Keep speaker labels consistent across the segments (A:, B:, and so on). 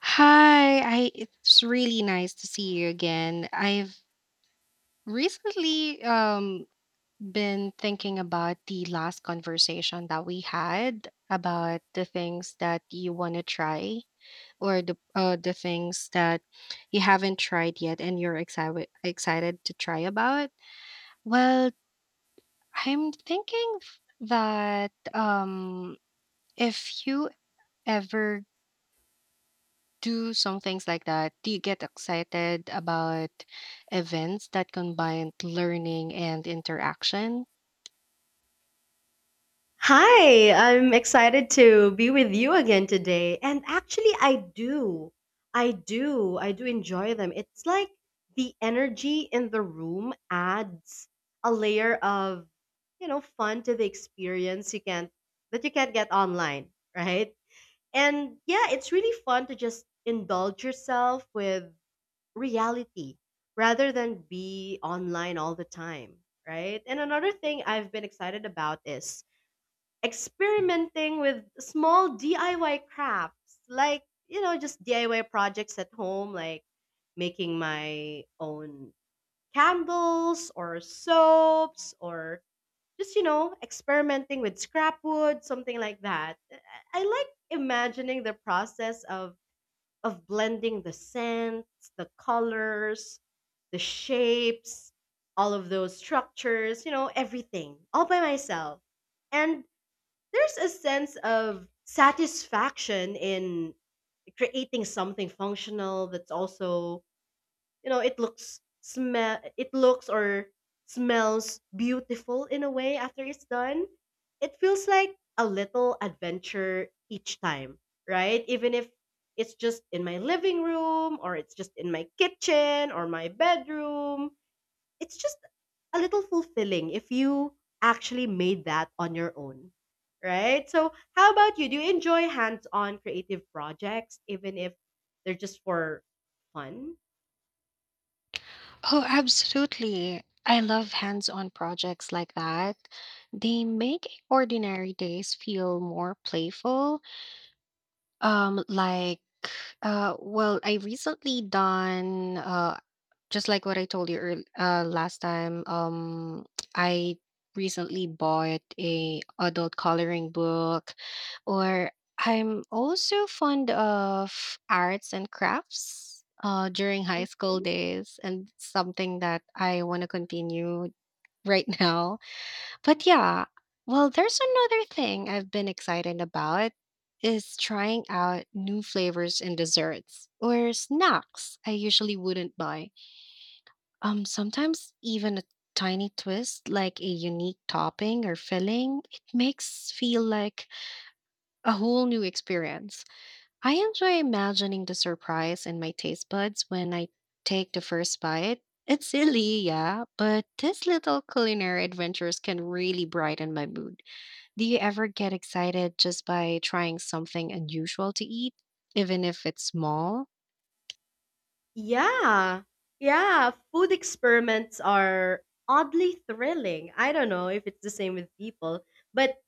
A: Hi, I it's really nice to see you again. I've recently been thinking about the last conversation that we had about the things that you want to try or the things that you haven't tried yet and you're excited to try about. Well, I'm thinking f- that if you ever do some things like that? Do you get excited about events that combine learning and interaction?
B: Hi, I'm excited to be with you again today. And actually, I do. I do enjoy them. It's like the energy in the room adds a layer of, you know, fun to the experience you can't that you can't get online, right? And yeah, it's really fun to just indulge yourself with reality rather than be online all the time, right? And another thing I've been excited about is experimenting with small DIY crafts, like, you know, just DIY projects at home, like making my own candles or soaps or just, you know, experimenting with scrap wood, something like that. I like imagining the process of blending the scents, the colors, the shapes, all of those structures, you know, everything all by myself. And there's a sense of satisfaction in creating something functional that's also, you know, it looks or smells beautiful in a way. After it's done, it feels like a little adventure each time, right? Even if it's just in my living room or it's just in my kitchen or my bedroom, it's just a little fulfilling if you actually made that on your own, right? So, how about you? Do you enjoy hands on creative projects, even if they're just for fun?
A: Oh, absolutely. I love hands on projects like that. They make ordinary days feel more playful. Um, like, I recently done just like what I told you last time, I recently bought a adult coloring book, or I'm also fond of arts and crafts during high school
B: Hmm.
A: days, and something that I want to continue right now. But yeah, well, there's another thing I've been excited about is trying out new flavors and desserts or snacks I usually wouldn't buy. Sometimes even a tiny twist like a unique topping or filling, it makes feel like a whole new experience. I enjoy imagining the surprise in my taste buds when I take the first bite. It's silly, yeah, but these little culinary adventures can really brighten my mood. Do you ever get excited just by trying something unusual to eat, even if it's small?
B: Yeah. Yeah. Food experiments are oddly thrilling. I don't know if it's the same with people, but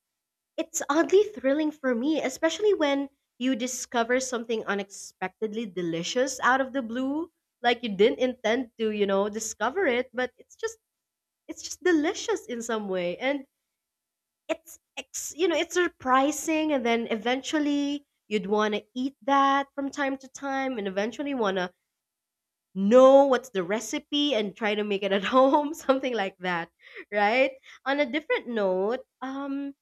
B: it's oddly thrilling for me, especially when you discover something unexpectedly delicious out of the blue, like you didn't intend to, you know, discover it, but it's just delicious in some way. And you know, it's surprising and then eventually you'd want to eat that from time to time and eventually want to know what's the recipe and try to make it at home, something like that, right? On a different note,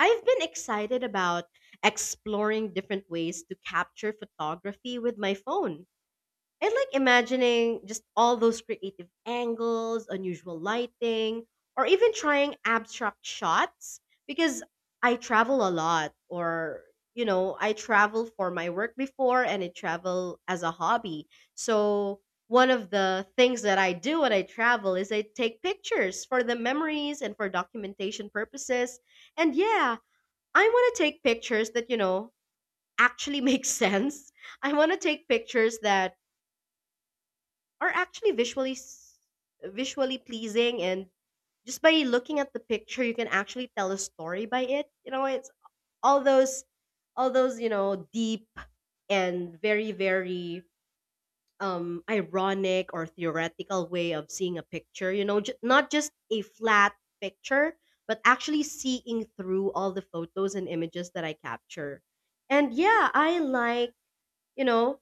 B: I've been excited about exploring different ways to capture photography with my phone. I like imagining just all those creative angles, unusual lighting, or even trying abstract shots because I travel a lot or, you know, I travel for my work before and I travel as a hobby. So one of the things that I do when I travel is I take pictures for the memories and for documentation purposes. And yeah, I want to take pictures that, you know, actually make sense. I want to take pictures that are actually visually pleasing and just by looking at the picture you can actually tell a story by it. You know, it's all those all those, you know, deep and very ironic or theoretical way of seeing a picture, you know, not just a flat picture but actually seeing through all the photos and images that I capture. And yeah, I like, you know,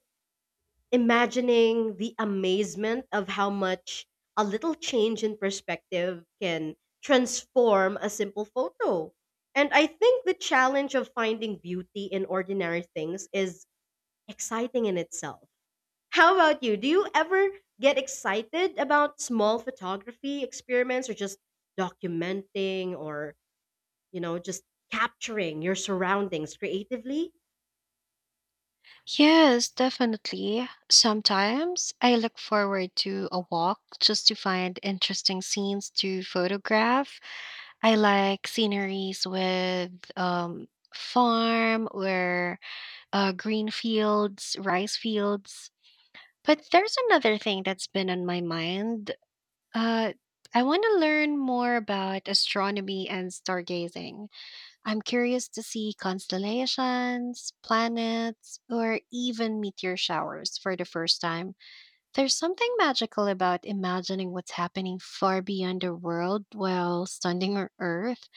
B: imagining the amazement of how much a little change in perspective can transform a simple photo. And I think the challenge of finding beauty in ordinary things is exciting in itself. How about you? Do you ever get excited about small photography experiments or just documenting or, you know, just capturing your surroundings creatively?
A: Yes, definitely. Sometimes I look forward to a walk just to find interesting scenes to photograph. I like sceneries with farm or green fields, rice fields. But there's another thing that's been on my mind. Uh, I want to learn more about astronomy and stargazing. I'm curious to see constellations, planets, or even meteor showers for the first time. There's something magical about imagining what's happening far beyond the world while standing on Earth.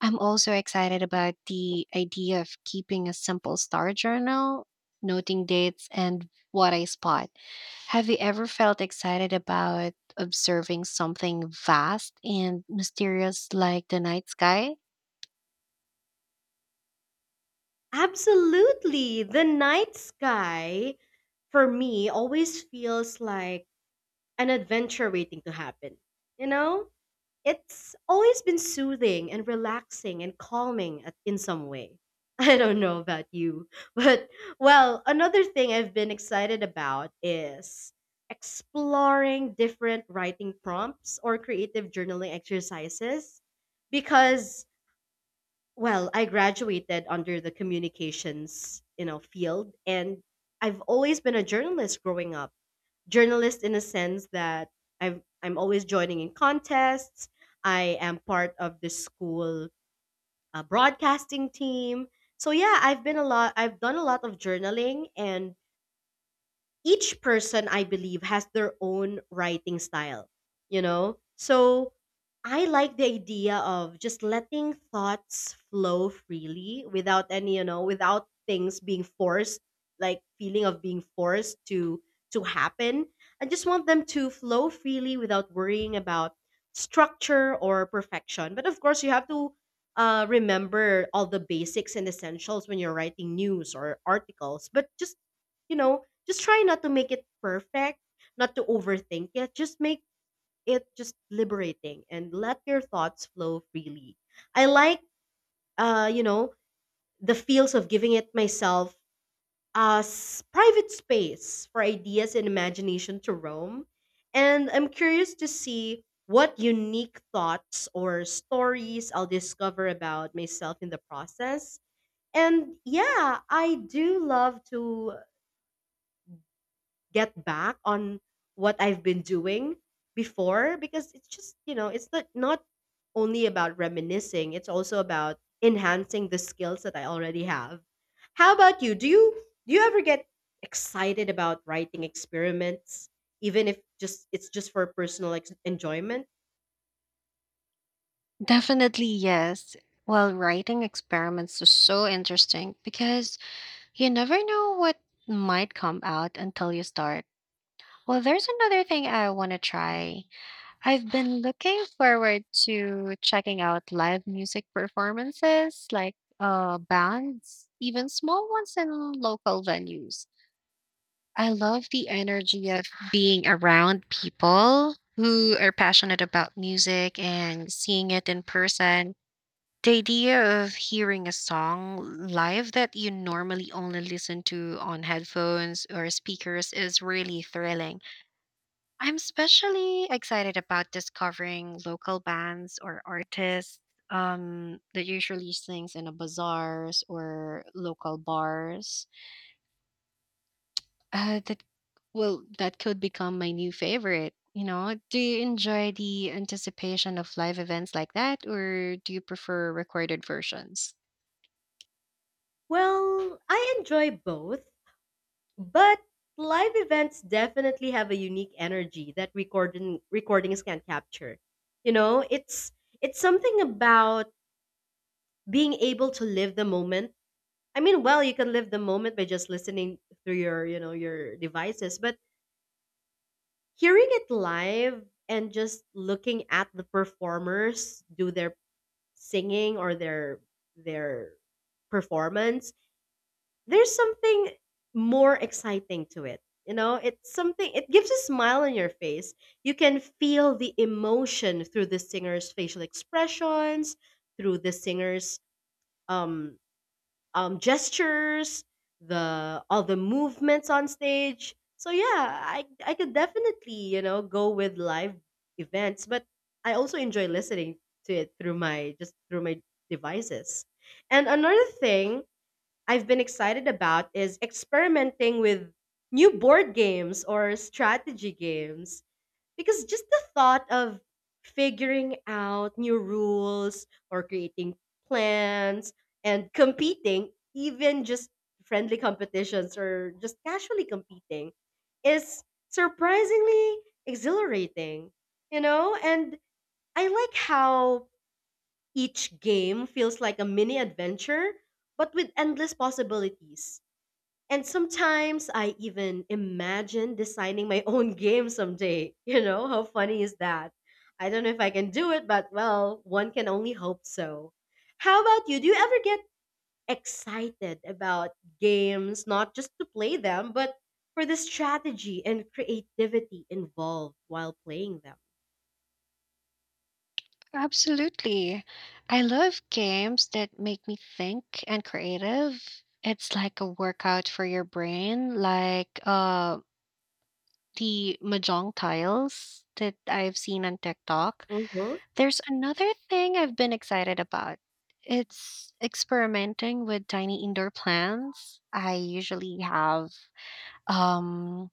A: I'm also excited about the idea of keeping a simple star journal, noting dates and what I spot. Have you ever felt excited about observing something vast and mysterious like the night sky?
B: Absolutely. The night sky for me always feels like an adventure waiting to happen. You know? It's always been soothing and relaxing and calming in some way. I don't know about you, but well, another thing I've been excited about is exploring different writing prompts or creative journaling exercises because, well, I graduated under the communications, you know, field and I've always been a journalist growing up, journalist in a sense that I'm always joining in contests. I am part of the school broadcasting team. So yeah, I've been a lot. I've done a lot of journaling and each person I believe has their own writing style, you know? So I like the idea of just letting thoughts flow freely without any, you know, without things being forced, like feeling of being forced to happen. I just want them to flow freely without worrying about structure or perfection. But of course, you have to remember all the basics and essentials when you're writing news or articles. But just, you know, just try not to make it perfect, not to overthink it. Just make it just liberating and let your thoughts flow freely. I like, you know, the feels of giving it myself a private space for ideas and imagination to roam. And I'm curious to see what unique thoughts or stories I'll discover about myself in the process. And yeah, I do love to get back on what I've been doing before because it's just, you know, it's not only about reminiscing, it's also about enhancing the skills that I already have. How about you? Do you ever get excited about writing experiments even if just for personal enjoyment?
A: Definitely, yes. Well, writing experiments is so interesting because you never know what might come out until you start. Well, there's another thing I want to try. I've been looking forward to checking out live music performances, like bands, even small ones in local venues. I love the energy of being around people who are passionate about music and seeing it in person. The idea of hearing a song live that you normally only listen to on headphones or speakers is really thrilling. I'm especially excited about discovering local bands or artists that usually sings in a bazaars or local bars. Uh, that that could become my new favorite. You know, do you enjoy the anticipation of live events like that, or do you prefer recorded versions?
B: Well, I enjoy both. But live events definitely have a unique energy that recordings can't capture. You know, it's something about being able to live the moment. I mean, well, you can live the moment by just listening through your, you know, your devices, but hearing it live and just looking at the performers do their singing or their performance, there's something more exciting to it. You know, it's something, it gives a smile on your face. You can feel the emotion through the singer's facial expressions, through the singer's um, gestures, the all the movements on stage. So yeah, I could definitely, you know, go with live events, but I also enjoy listening to it through my just through my devices. And another thing I've been excited about is experimenting with new board games or strategy games because just the thought of figuring out new rules or creating plans and competing, even just friendly competitions or just casually competing, is surprisingly exhilarating, you know? And I like how each game feels like a mini adventure but with endless possibilities. And sometimes I even imagine designing my own game someday. You know, how funny is that? I don't know if I can do it, but well, one can only hope so. How about you? Do you ever get excited about games, not just to play them, but for the strategy and creativity involved while playing them?
A: Absolutely. I love games that make me think and creative. It's like a workout for your brain, like the mahjong tiles that I've seen on TikTok.
B: Hmm.
A: There's another thing I've been excited about. It's experimenting with tiny indoor plants. I usually have um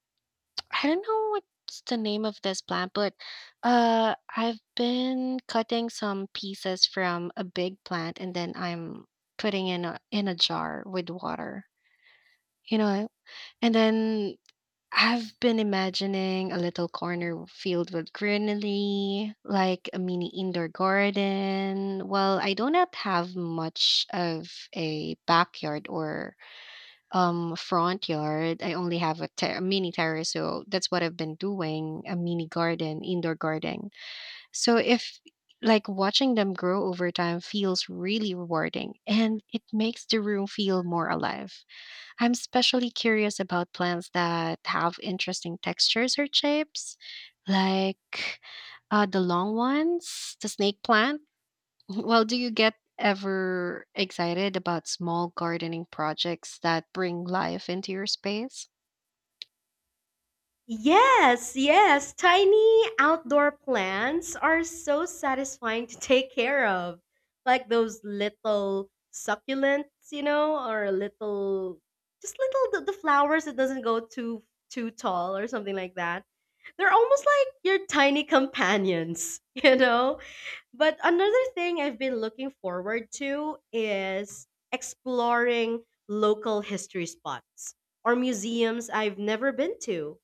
A: I don't know what's the name of this plant, but I've been cutting some pieces from a big plant, and then I'm putting in a jar with water. You know, and then I've been imagining a little corner filled with greenery, like a mini indoor garden. Well, I do not have much of a backyard or front yard. I only have a mini terrace, so that's what I've been doing, a mini garden, indoor garden. So if like watching them grow over time feels really rewarding and it makes the room feel more alive. I'm especially curious about plants that have interesting textures or shapes, like the long ones, the snake plant. Well, do you get ever excited about small gardening projects that bring life into your space?
B: Yes, yes. Tiny outdoor plants are so satisfying to take care of. Like those little succulents, you know, or little just little the flowers that doesn't go too tall or something like that. They're almost like your tiny companions, you know? But another thing I've been looking forward to is exploring local history spots or museums I've never been to.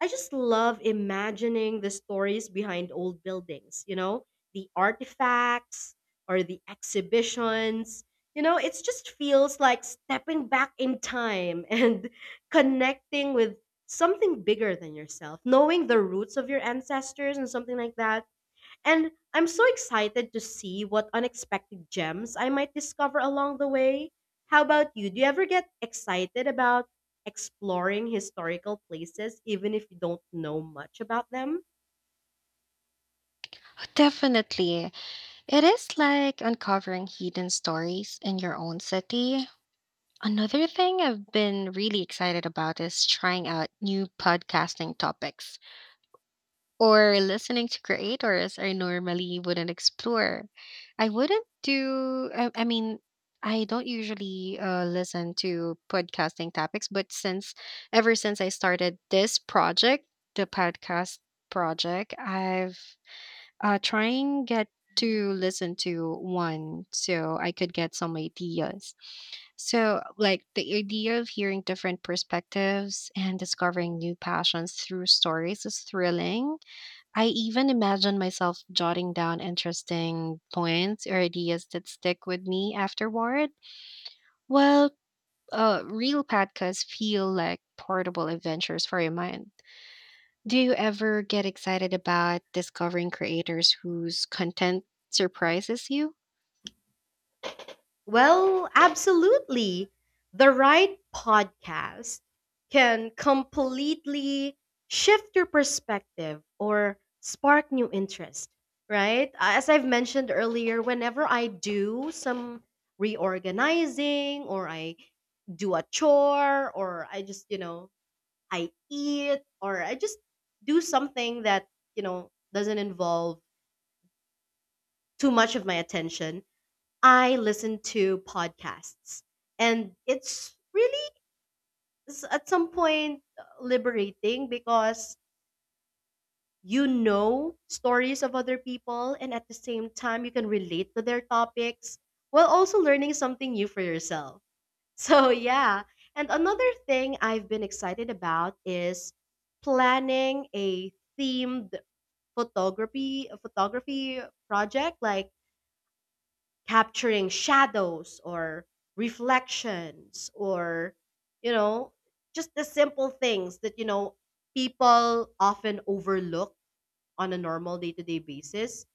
B: I just love imagining the stories behind old buildings, you know, the artifacts or the exhibitions. You know, it just feels like stepping back in time and connecting with something bigger than yourself, knowing the roots of your ancestors and something like that. And I'm so excited to see what unexpected gems I might discover along the way. How about you? Do you ever get excited about exploring historical places even if you don't know much about them?
A: Definitely. It is like uncovering hidden stories in your own city. Another thing I've been really excited about is trying out new podcasting topics or listening to creators I normally wouldn't explore. I wouldn't do, I mean, I don't usually listen to podcasting topics, but since ever since I started this project, the podcast project, I've trying get to listen to one so I could get some ideas. So, like the idea of hearing different perspectives and discovering new passions through stories is thrilling. I even imagine myself jotting down interesting points or ideas that stick with me afterward. Well, Real podcasts feel like portable adventures for your mind. Do you ever get excited about discovering creators whose content surprises you?
B: Well, absolutely. The right podcast can completely shift your perspective or spark new interest, right? As I've mentioned earlier, whenever I do some reorganizing or I do a chore or I just, you know, I eat or I just do something that, you know, doesn't involve too much of my attention, I listen to podcasts, and it's really at some point liberating because, you know, stories of other people, and at the same time, you can relate to their topics while also learning something new for yourself. So, yeah. And another thing I've been excited about is planning a themed photography a photography project like capturing shadows or reflections or, you know, just the simple things that, you know, people often overlook on a normal day-to-day basis,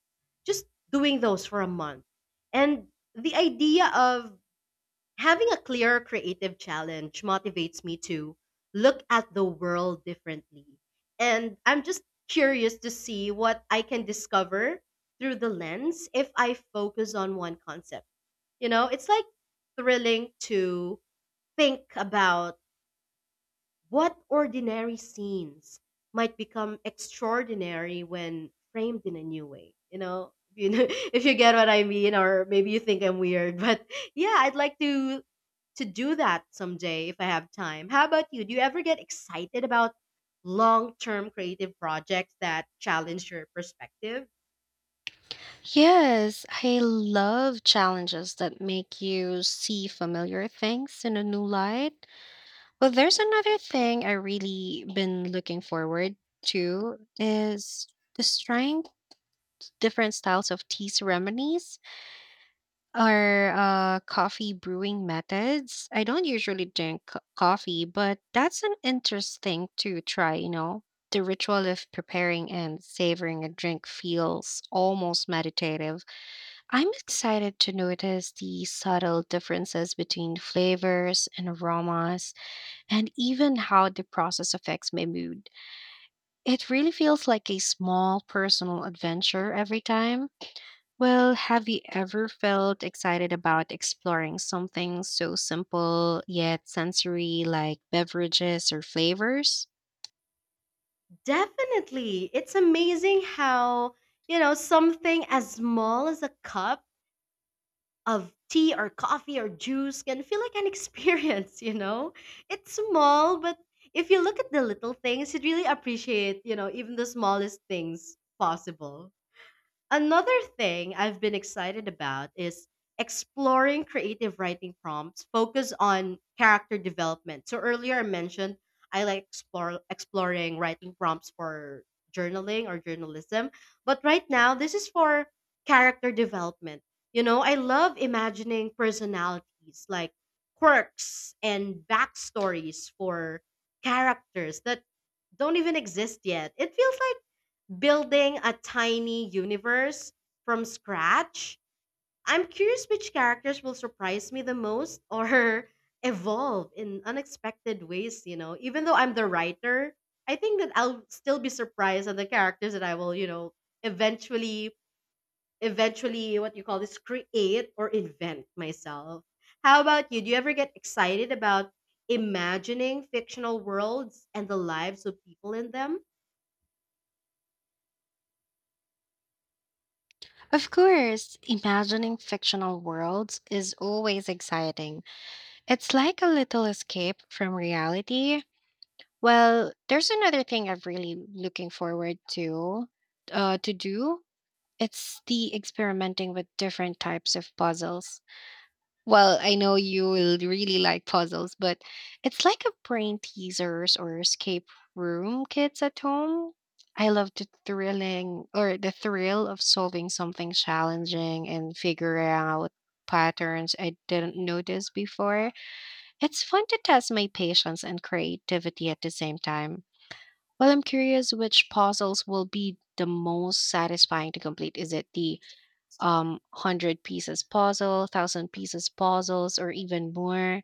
B: just doing those for a month. And the idea of having a clear creative challenge motivates me to look at the world differently, and I'm just curious to see what I can discover through the lens if I focus on one concept. You know, it's like thrilling to think about what ordinary scenes might become extraordinary when framed in a new way. You know, you know, if you get what I mean, or maybe you think I'm weird, but yeah, I'd like to do that someday if I have time. How about you? Do you ever get excited about long term creative projects that challenge your perspective?
A: Yes, I love challenges that make you see familiar things in a new light. Well, there's another thing I really been looking forward to is just trying different styles of tea ceremonies or coffee brewing methods. I don't usually drink coffee, but that's an interesting to try, you know. The ritual of preparing and savoring a drink feels almost meditative. I'm excited to notice the subtle differences between flavors and aromas and even how the process affects my mood. It really feels like a small personal adventure every time. Well, have you ever felt excited about exploring something so simple yet sensory like beverages or flavors?
B: Definitely. It's amazing how, you know, something as small as a cup of tea or coffee or juice can feel like an experience, you know? It's small, but if you look at the little things, you'd really appreciate, you know, even the smallest things possible. Another thing I've been excited about is exploring creative writing prompts focused on character development. So earlier I mentioned I like exploring writing prompts for journaling or journalism, but right now this is for character development. You know, I love imagining personalities like quirks and backstories for characters that don't even exist yet. It feels like building a tiny universe from scratch. I'm curious which characters will surprise me the most or evolve in unexpected ways, you know. Even though I'm the writer, I think that I'll still be surprised at the characters that I will, you know, eventually eventually what you call this create or invent myself. How about you? Do you ever get excited about imagining fictional worlds and the lives of people in them?
A: Of course, imagining fictional worlds is always exciting. It's like a little escape from reality. Well, there's another thing I'm really looking forward to do. It's the experimenting with different types of puzzles. Well, I know you will really like puzzles, but it's like a brain teasers or escape room kids at home. I love the thrilling or the thrill of solving something challenging and figuring out patterns I didn't notice before. It's fun to test my patience and creativity at the same time. Well, I'm curious which puzzles will be the most satisfying to complete. Is it the 100 pieces puzzle, 1,000 pieces puzzles, or even more.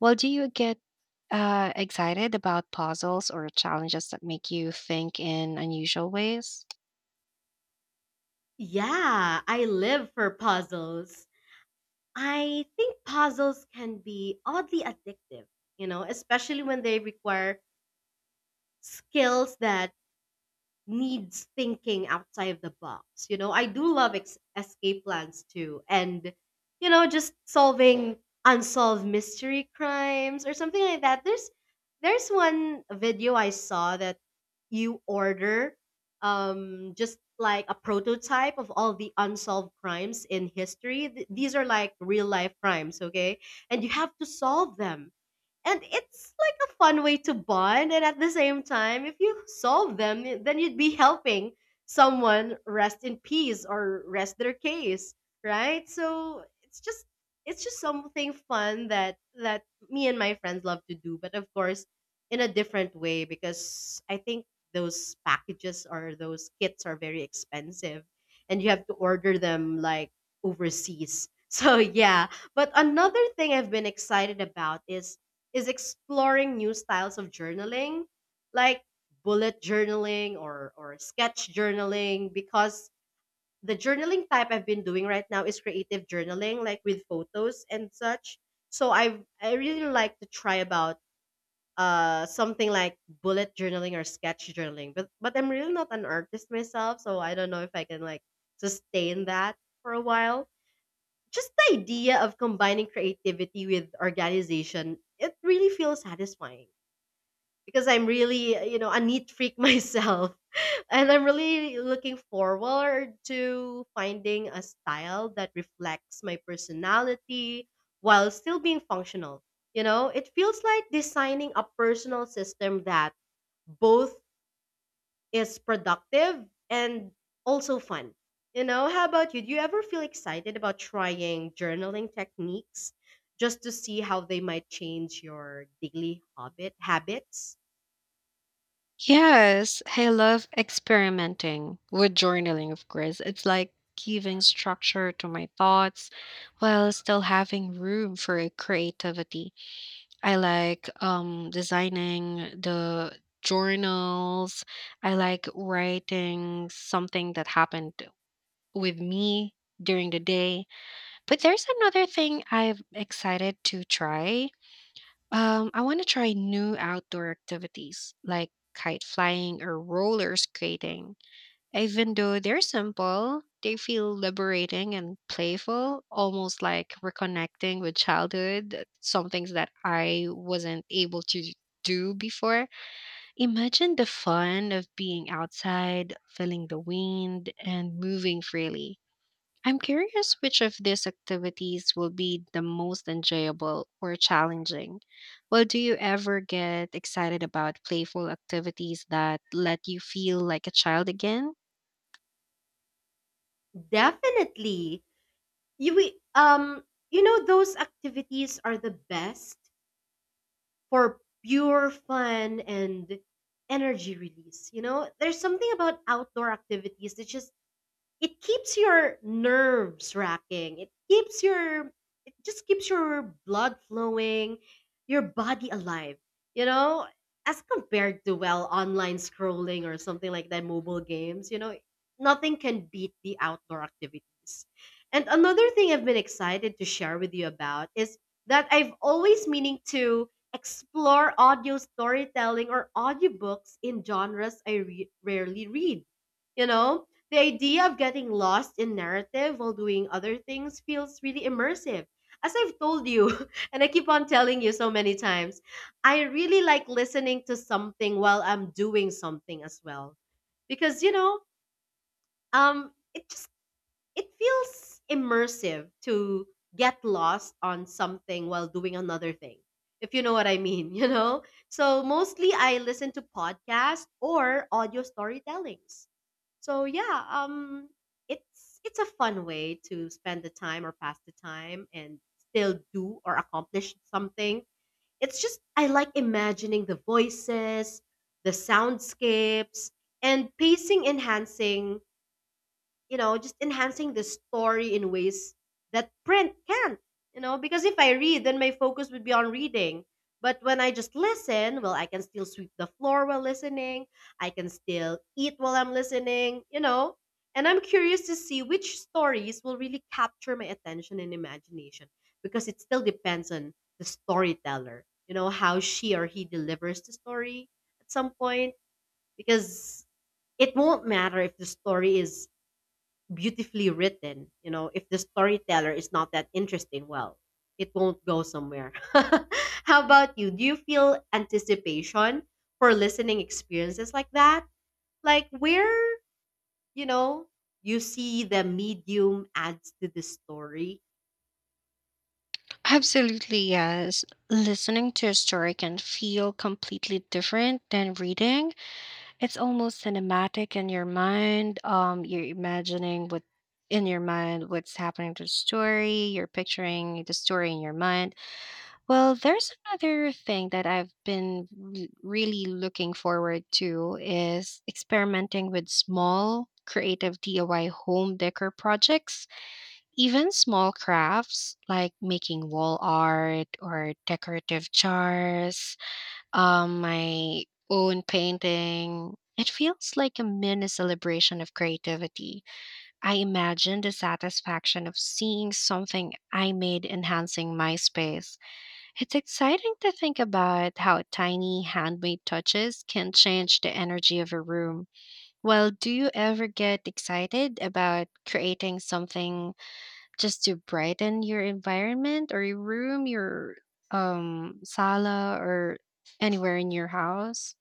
A: Well, do you get excited about puzzles or challenges that make you think in unusual ways?
B: Yeah, I live for puzzles. I think puzzles can be oddly addictive, you know, especially when they require skills that needs thinking outside of the box. You know, I do love escape plans too, and you know, just solving unsolved mystery crimes or something like that. There's one video I saw that you order just like a prototype of all the unsolved crimes in history. These are like real life crimes, okay, and you have to solve them, and it's like a fun way to bond. And at the same time, if you solve them, then you'd be helping someone rest in peace or rest their case, right? So it's just, it's just something fun that me and my friends love to do, but of course in a different way, because I think those packages or those kits are very expensive and you have to order them like overseas. So yeah, but another thing I've been excited about is exploring new styles of journaling, like bullet journaling or sketch journaling, because the journaling type I've been doing right now is creative journaling, like with photos and such. So I really like to try about something like bullet journaling or sketch journaling. But I'm really not an artist myself, so I don't know if I can like sustain that for a while. Just the idea of combining creativity with organization, it really feels satisfying, because I'm really, you know, a neat freak myself. And I'm really looking forward to finding a style that reflects my personality while still being functional. You know, it feels like designing a personal system that both is productive and also fun. You know, how about you? Do you ever feel excited about trying journaling techniques just to see how they might change your daily habits?
A: Yes, I love experimenting with journaling, of course. It's like giving structure to my thoughts while still having room for creativity. I like designing the journals. I like writing something that happened with me during the day. But there's another thing I'm excited to try. I want to try new outdoor activities like kite flying or roller skating. Even though they're simple, they feel liberating and playful, almost like reconnecting with childhood, some things that I wasn't able to do before. Imagine the fun of being outside, feeling the wind, and moving freely. I'm curious which of these activities will be the most enjoyable or challenging. Well, do you ever get excited about playful activities that let you feel like a child again?
B: Definitely. You we you know those activities are the best for pure fun and energy release, you know? There's something about outdoor activities that just it keeps your nerves racking. It keeps your it just keeps your blood flowing, your body alive. You know, as compared to well online scrolling or something like that, mobile games. You know, nothing can beat the outdoor activities. And another thing I've been excited to share with you about is that I've always meaning to explore audio storytelling or audiobooks in genres I rarely read. You know, the idea of getting lost in narrative while doing other things feels really immersive. As I've told you, and I keep on telling you so many times, I really like listening to something while I'm doing something as well, because you know it just it feels immersive to get lost on something while doing another thing, if you know what I mean. You know, so mostly I listen to podcasts or audio storytellings. So yeah, it's a fun way to spend the time or pass the time and still do or accomplish something. It's just I like imagining the voices, the soundscapes, and pacing enhancing, you know, just enhancing the story in ways that print can't, you know, because if I read, then my focus would be on reading. But when I just listen, well, I can still sweep the floor while listening. I can still eat while I'm listening, you know. And I'm curious to see which stories will really capture my attention and imagination, because it still depends on the storyteller, you know, how she or he delivers the story at some point, because it won't matter if the story is beautifully written. You know, if the storyteller is not that interesting, well, it won't go somewhere. How about you? Do you feel anticipation for listening experiences like that? Like where, you know, you see the medium adds to the story?
A: Absolutely, yes. Listening to a story can feel completely different than reading. It's almost cinematic in your mind. You're imagining what In your mind what's happening to the story. You're picturing the story in your mind. Well, there's another thing that I've been really looking forward to is experimenting with small creative DIY home decor projects. Even small crafts like making wall art or decorative jars, my own painting, it feels like a mini celebration of creativity. I imagine the satisfaction of seeing something I made enhancing my space. It's exciting to think about how tiny handmade touches can change the energy of a room. Well, do you ever get excited about creating something just to brighten your environment or your room, your sala or anywhere in your house?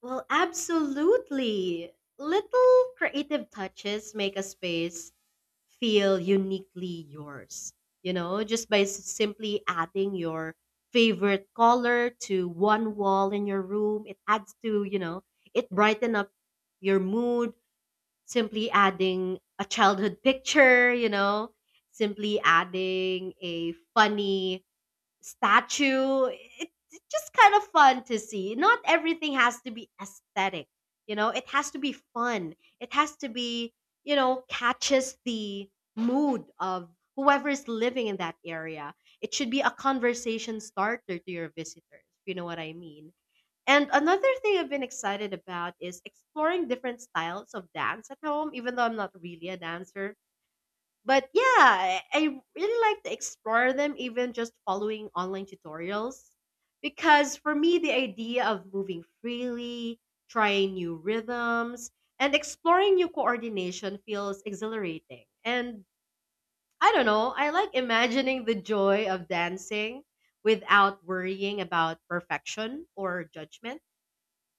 B: Well, absolutely. Little creative touches make a space feel uniquely yours. You know, just by simply adding your favorite color to one wall in your room, it adds to, you know, it brighten up your mood. Simply adding a childhood picture, you know, simply adding a funny statue. It's just kind of fun to see. Not everything has to be aesthetic. You know, it has to be fun. It has to be, you know, catches the mood of whoever is living in that area. It should be a conversation starter to your visitors, if you know what I mean. And another thing I've been excited about is exploring different styles of dance at home, even though I'm not really a dancer, but yeah, I really like to explore them, even just following online tutorials. Because for me, the idea of moving freely, trying new rhythms, and exploring new coordination feels exhilarating. And I don't know, I like imagining the joy of dancing without worrying about perfection or judgment.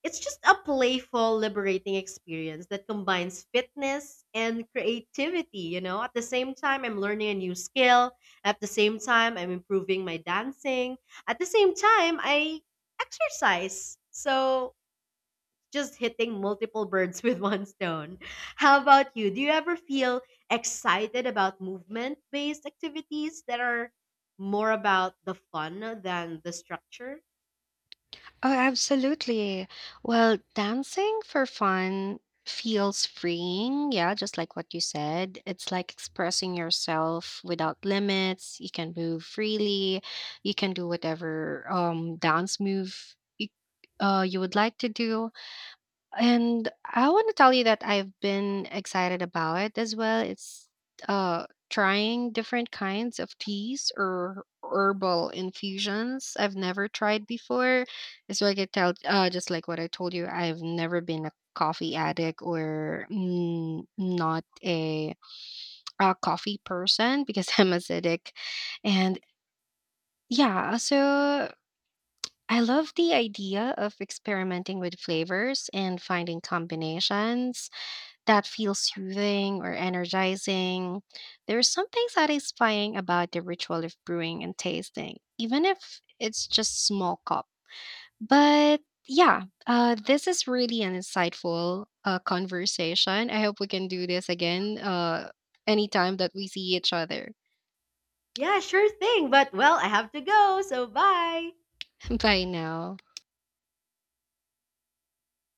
B: It's just a playful, liberating experience that combines fitness and creativity, you know? At the same time, I'm learning a new skill. At the same time, I'm improving my dancing. At the same time, I exercise. So, just hitting multiple birds with one stone. How about you? Do you ever feel excited about movement based activities that are more about the fun than the structure?
A: Oh, absolutely. Well, dancing for fun feels freeing. Yeah, just like what you said. It's like expressing yourself without limits. You can move freely. You can do whatever dance you would like to do. And I want to tell you that I've been excited about it as well. It's trying different kinds of teas or herbal infusions I've never tried before. It's like I tell just like what I told you, I've never been a coffee addict or mm, not a, a coffee person because I'm acidic. And yeah, so I love the idea of experimenting with flavors and finding combinations that feels soothing or energizing. There's something satisfying about the ritual of brewing and tasting, even if it's just small cup. But yeah, this is really an insightful conversation. I hope we can do this again anytime that we see each other.
B: Yeah, sure thing. But well, I have to go. So bye.
A: Bye now.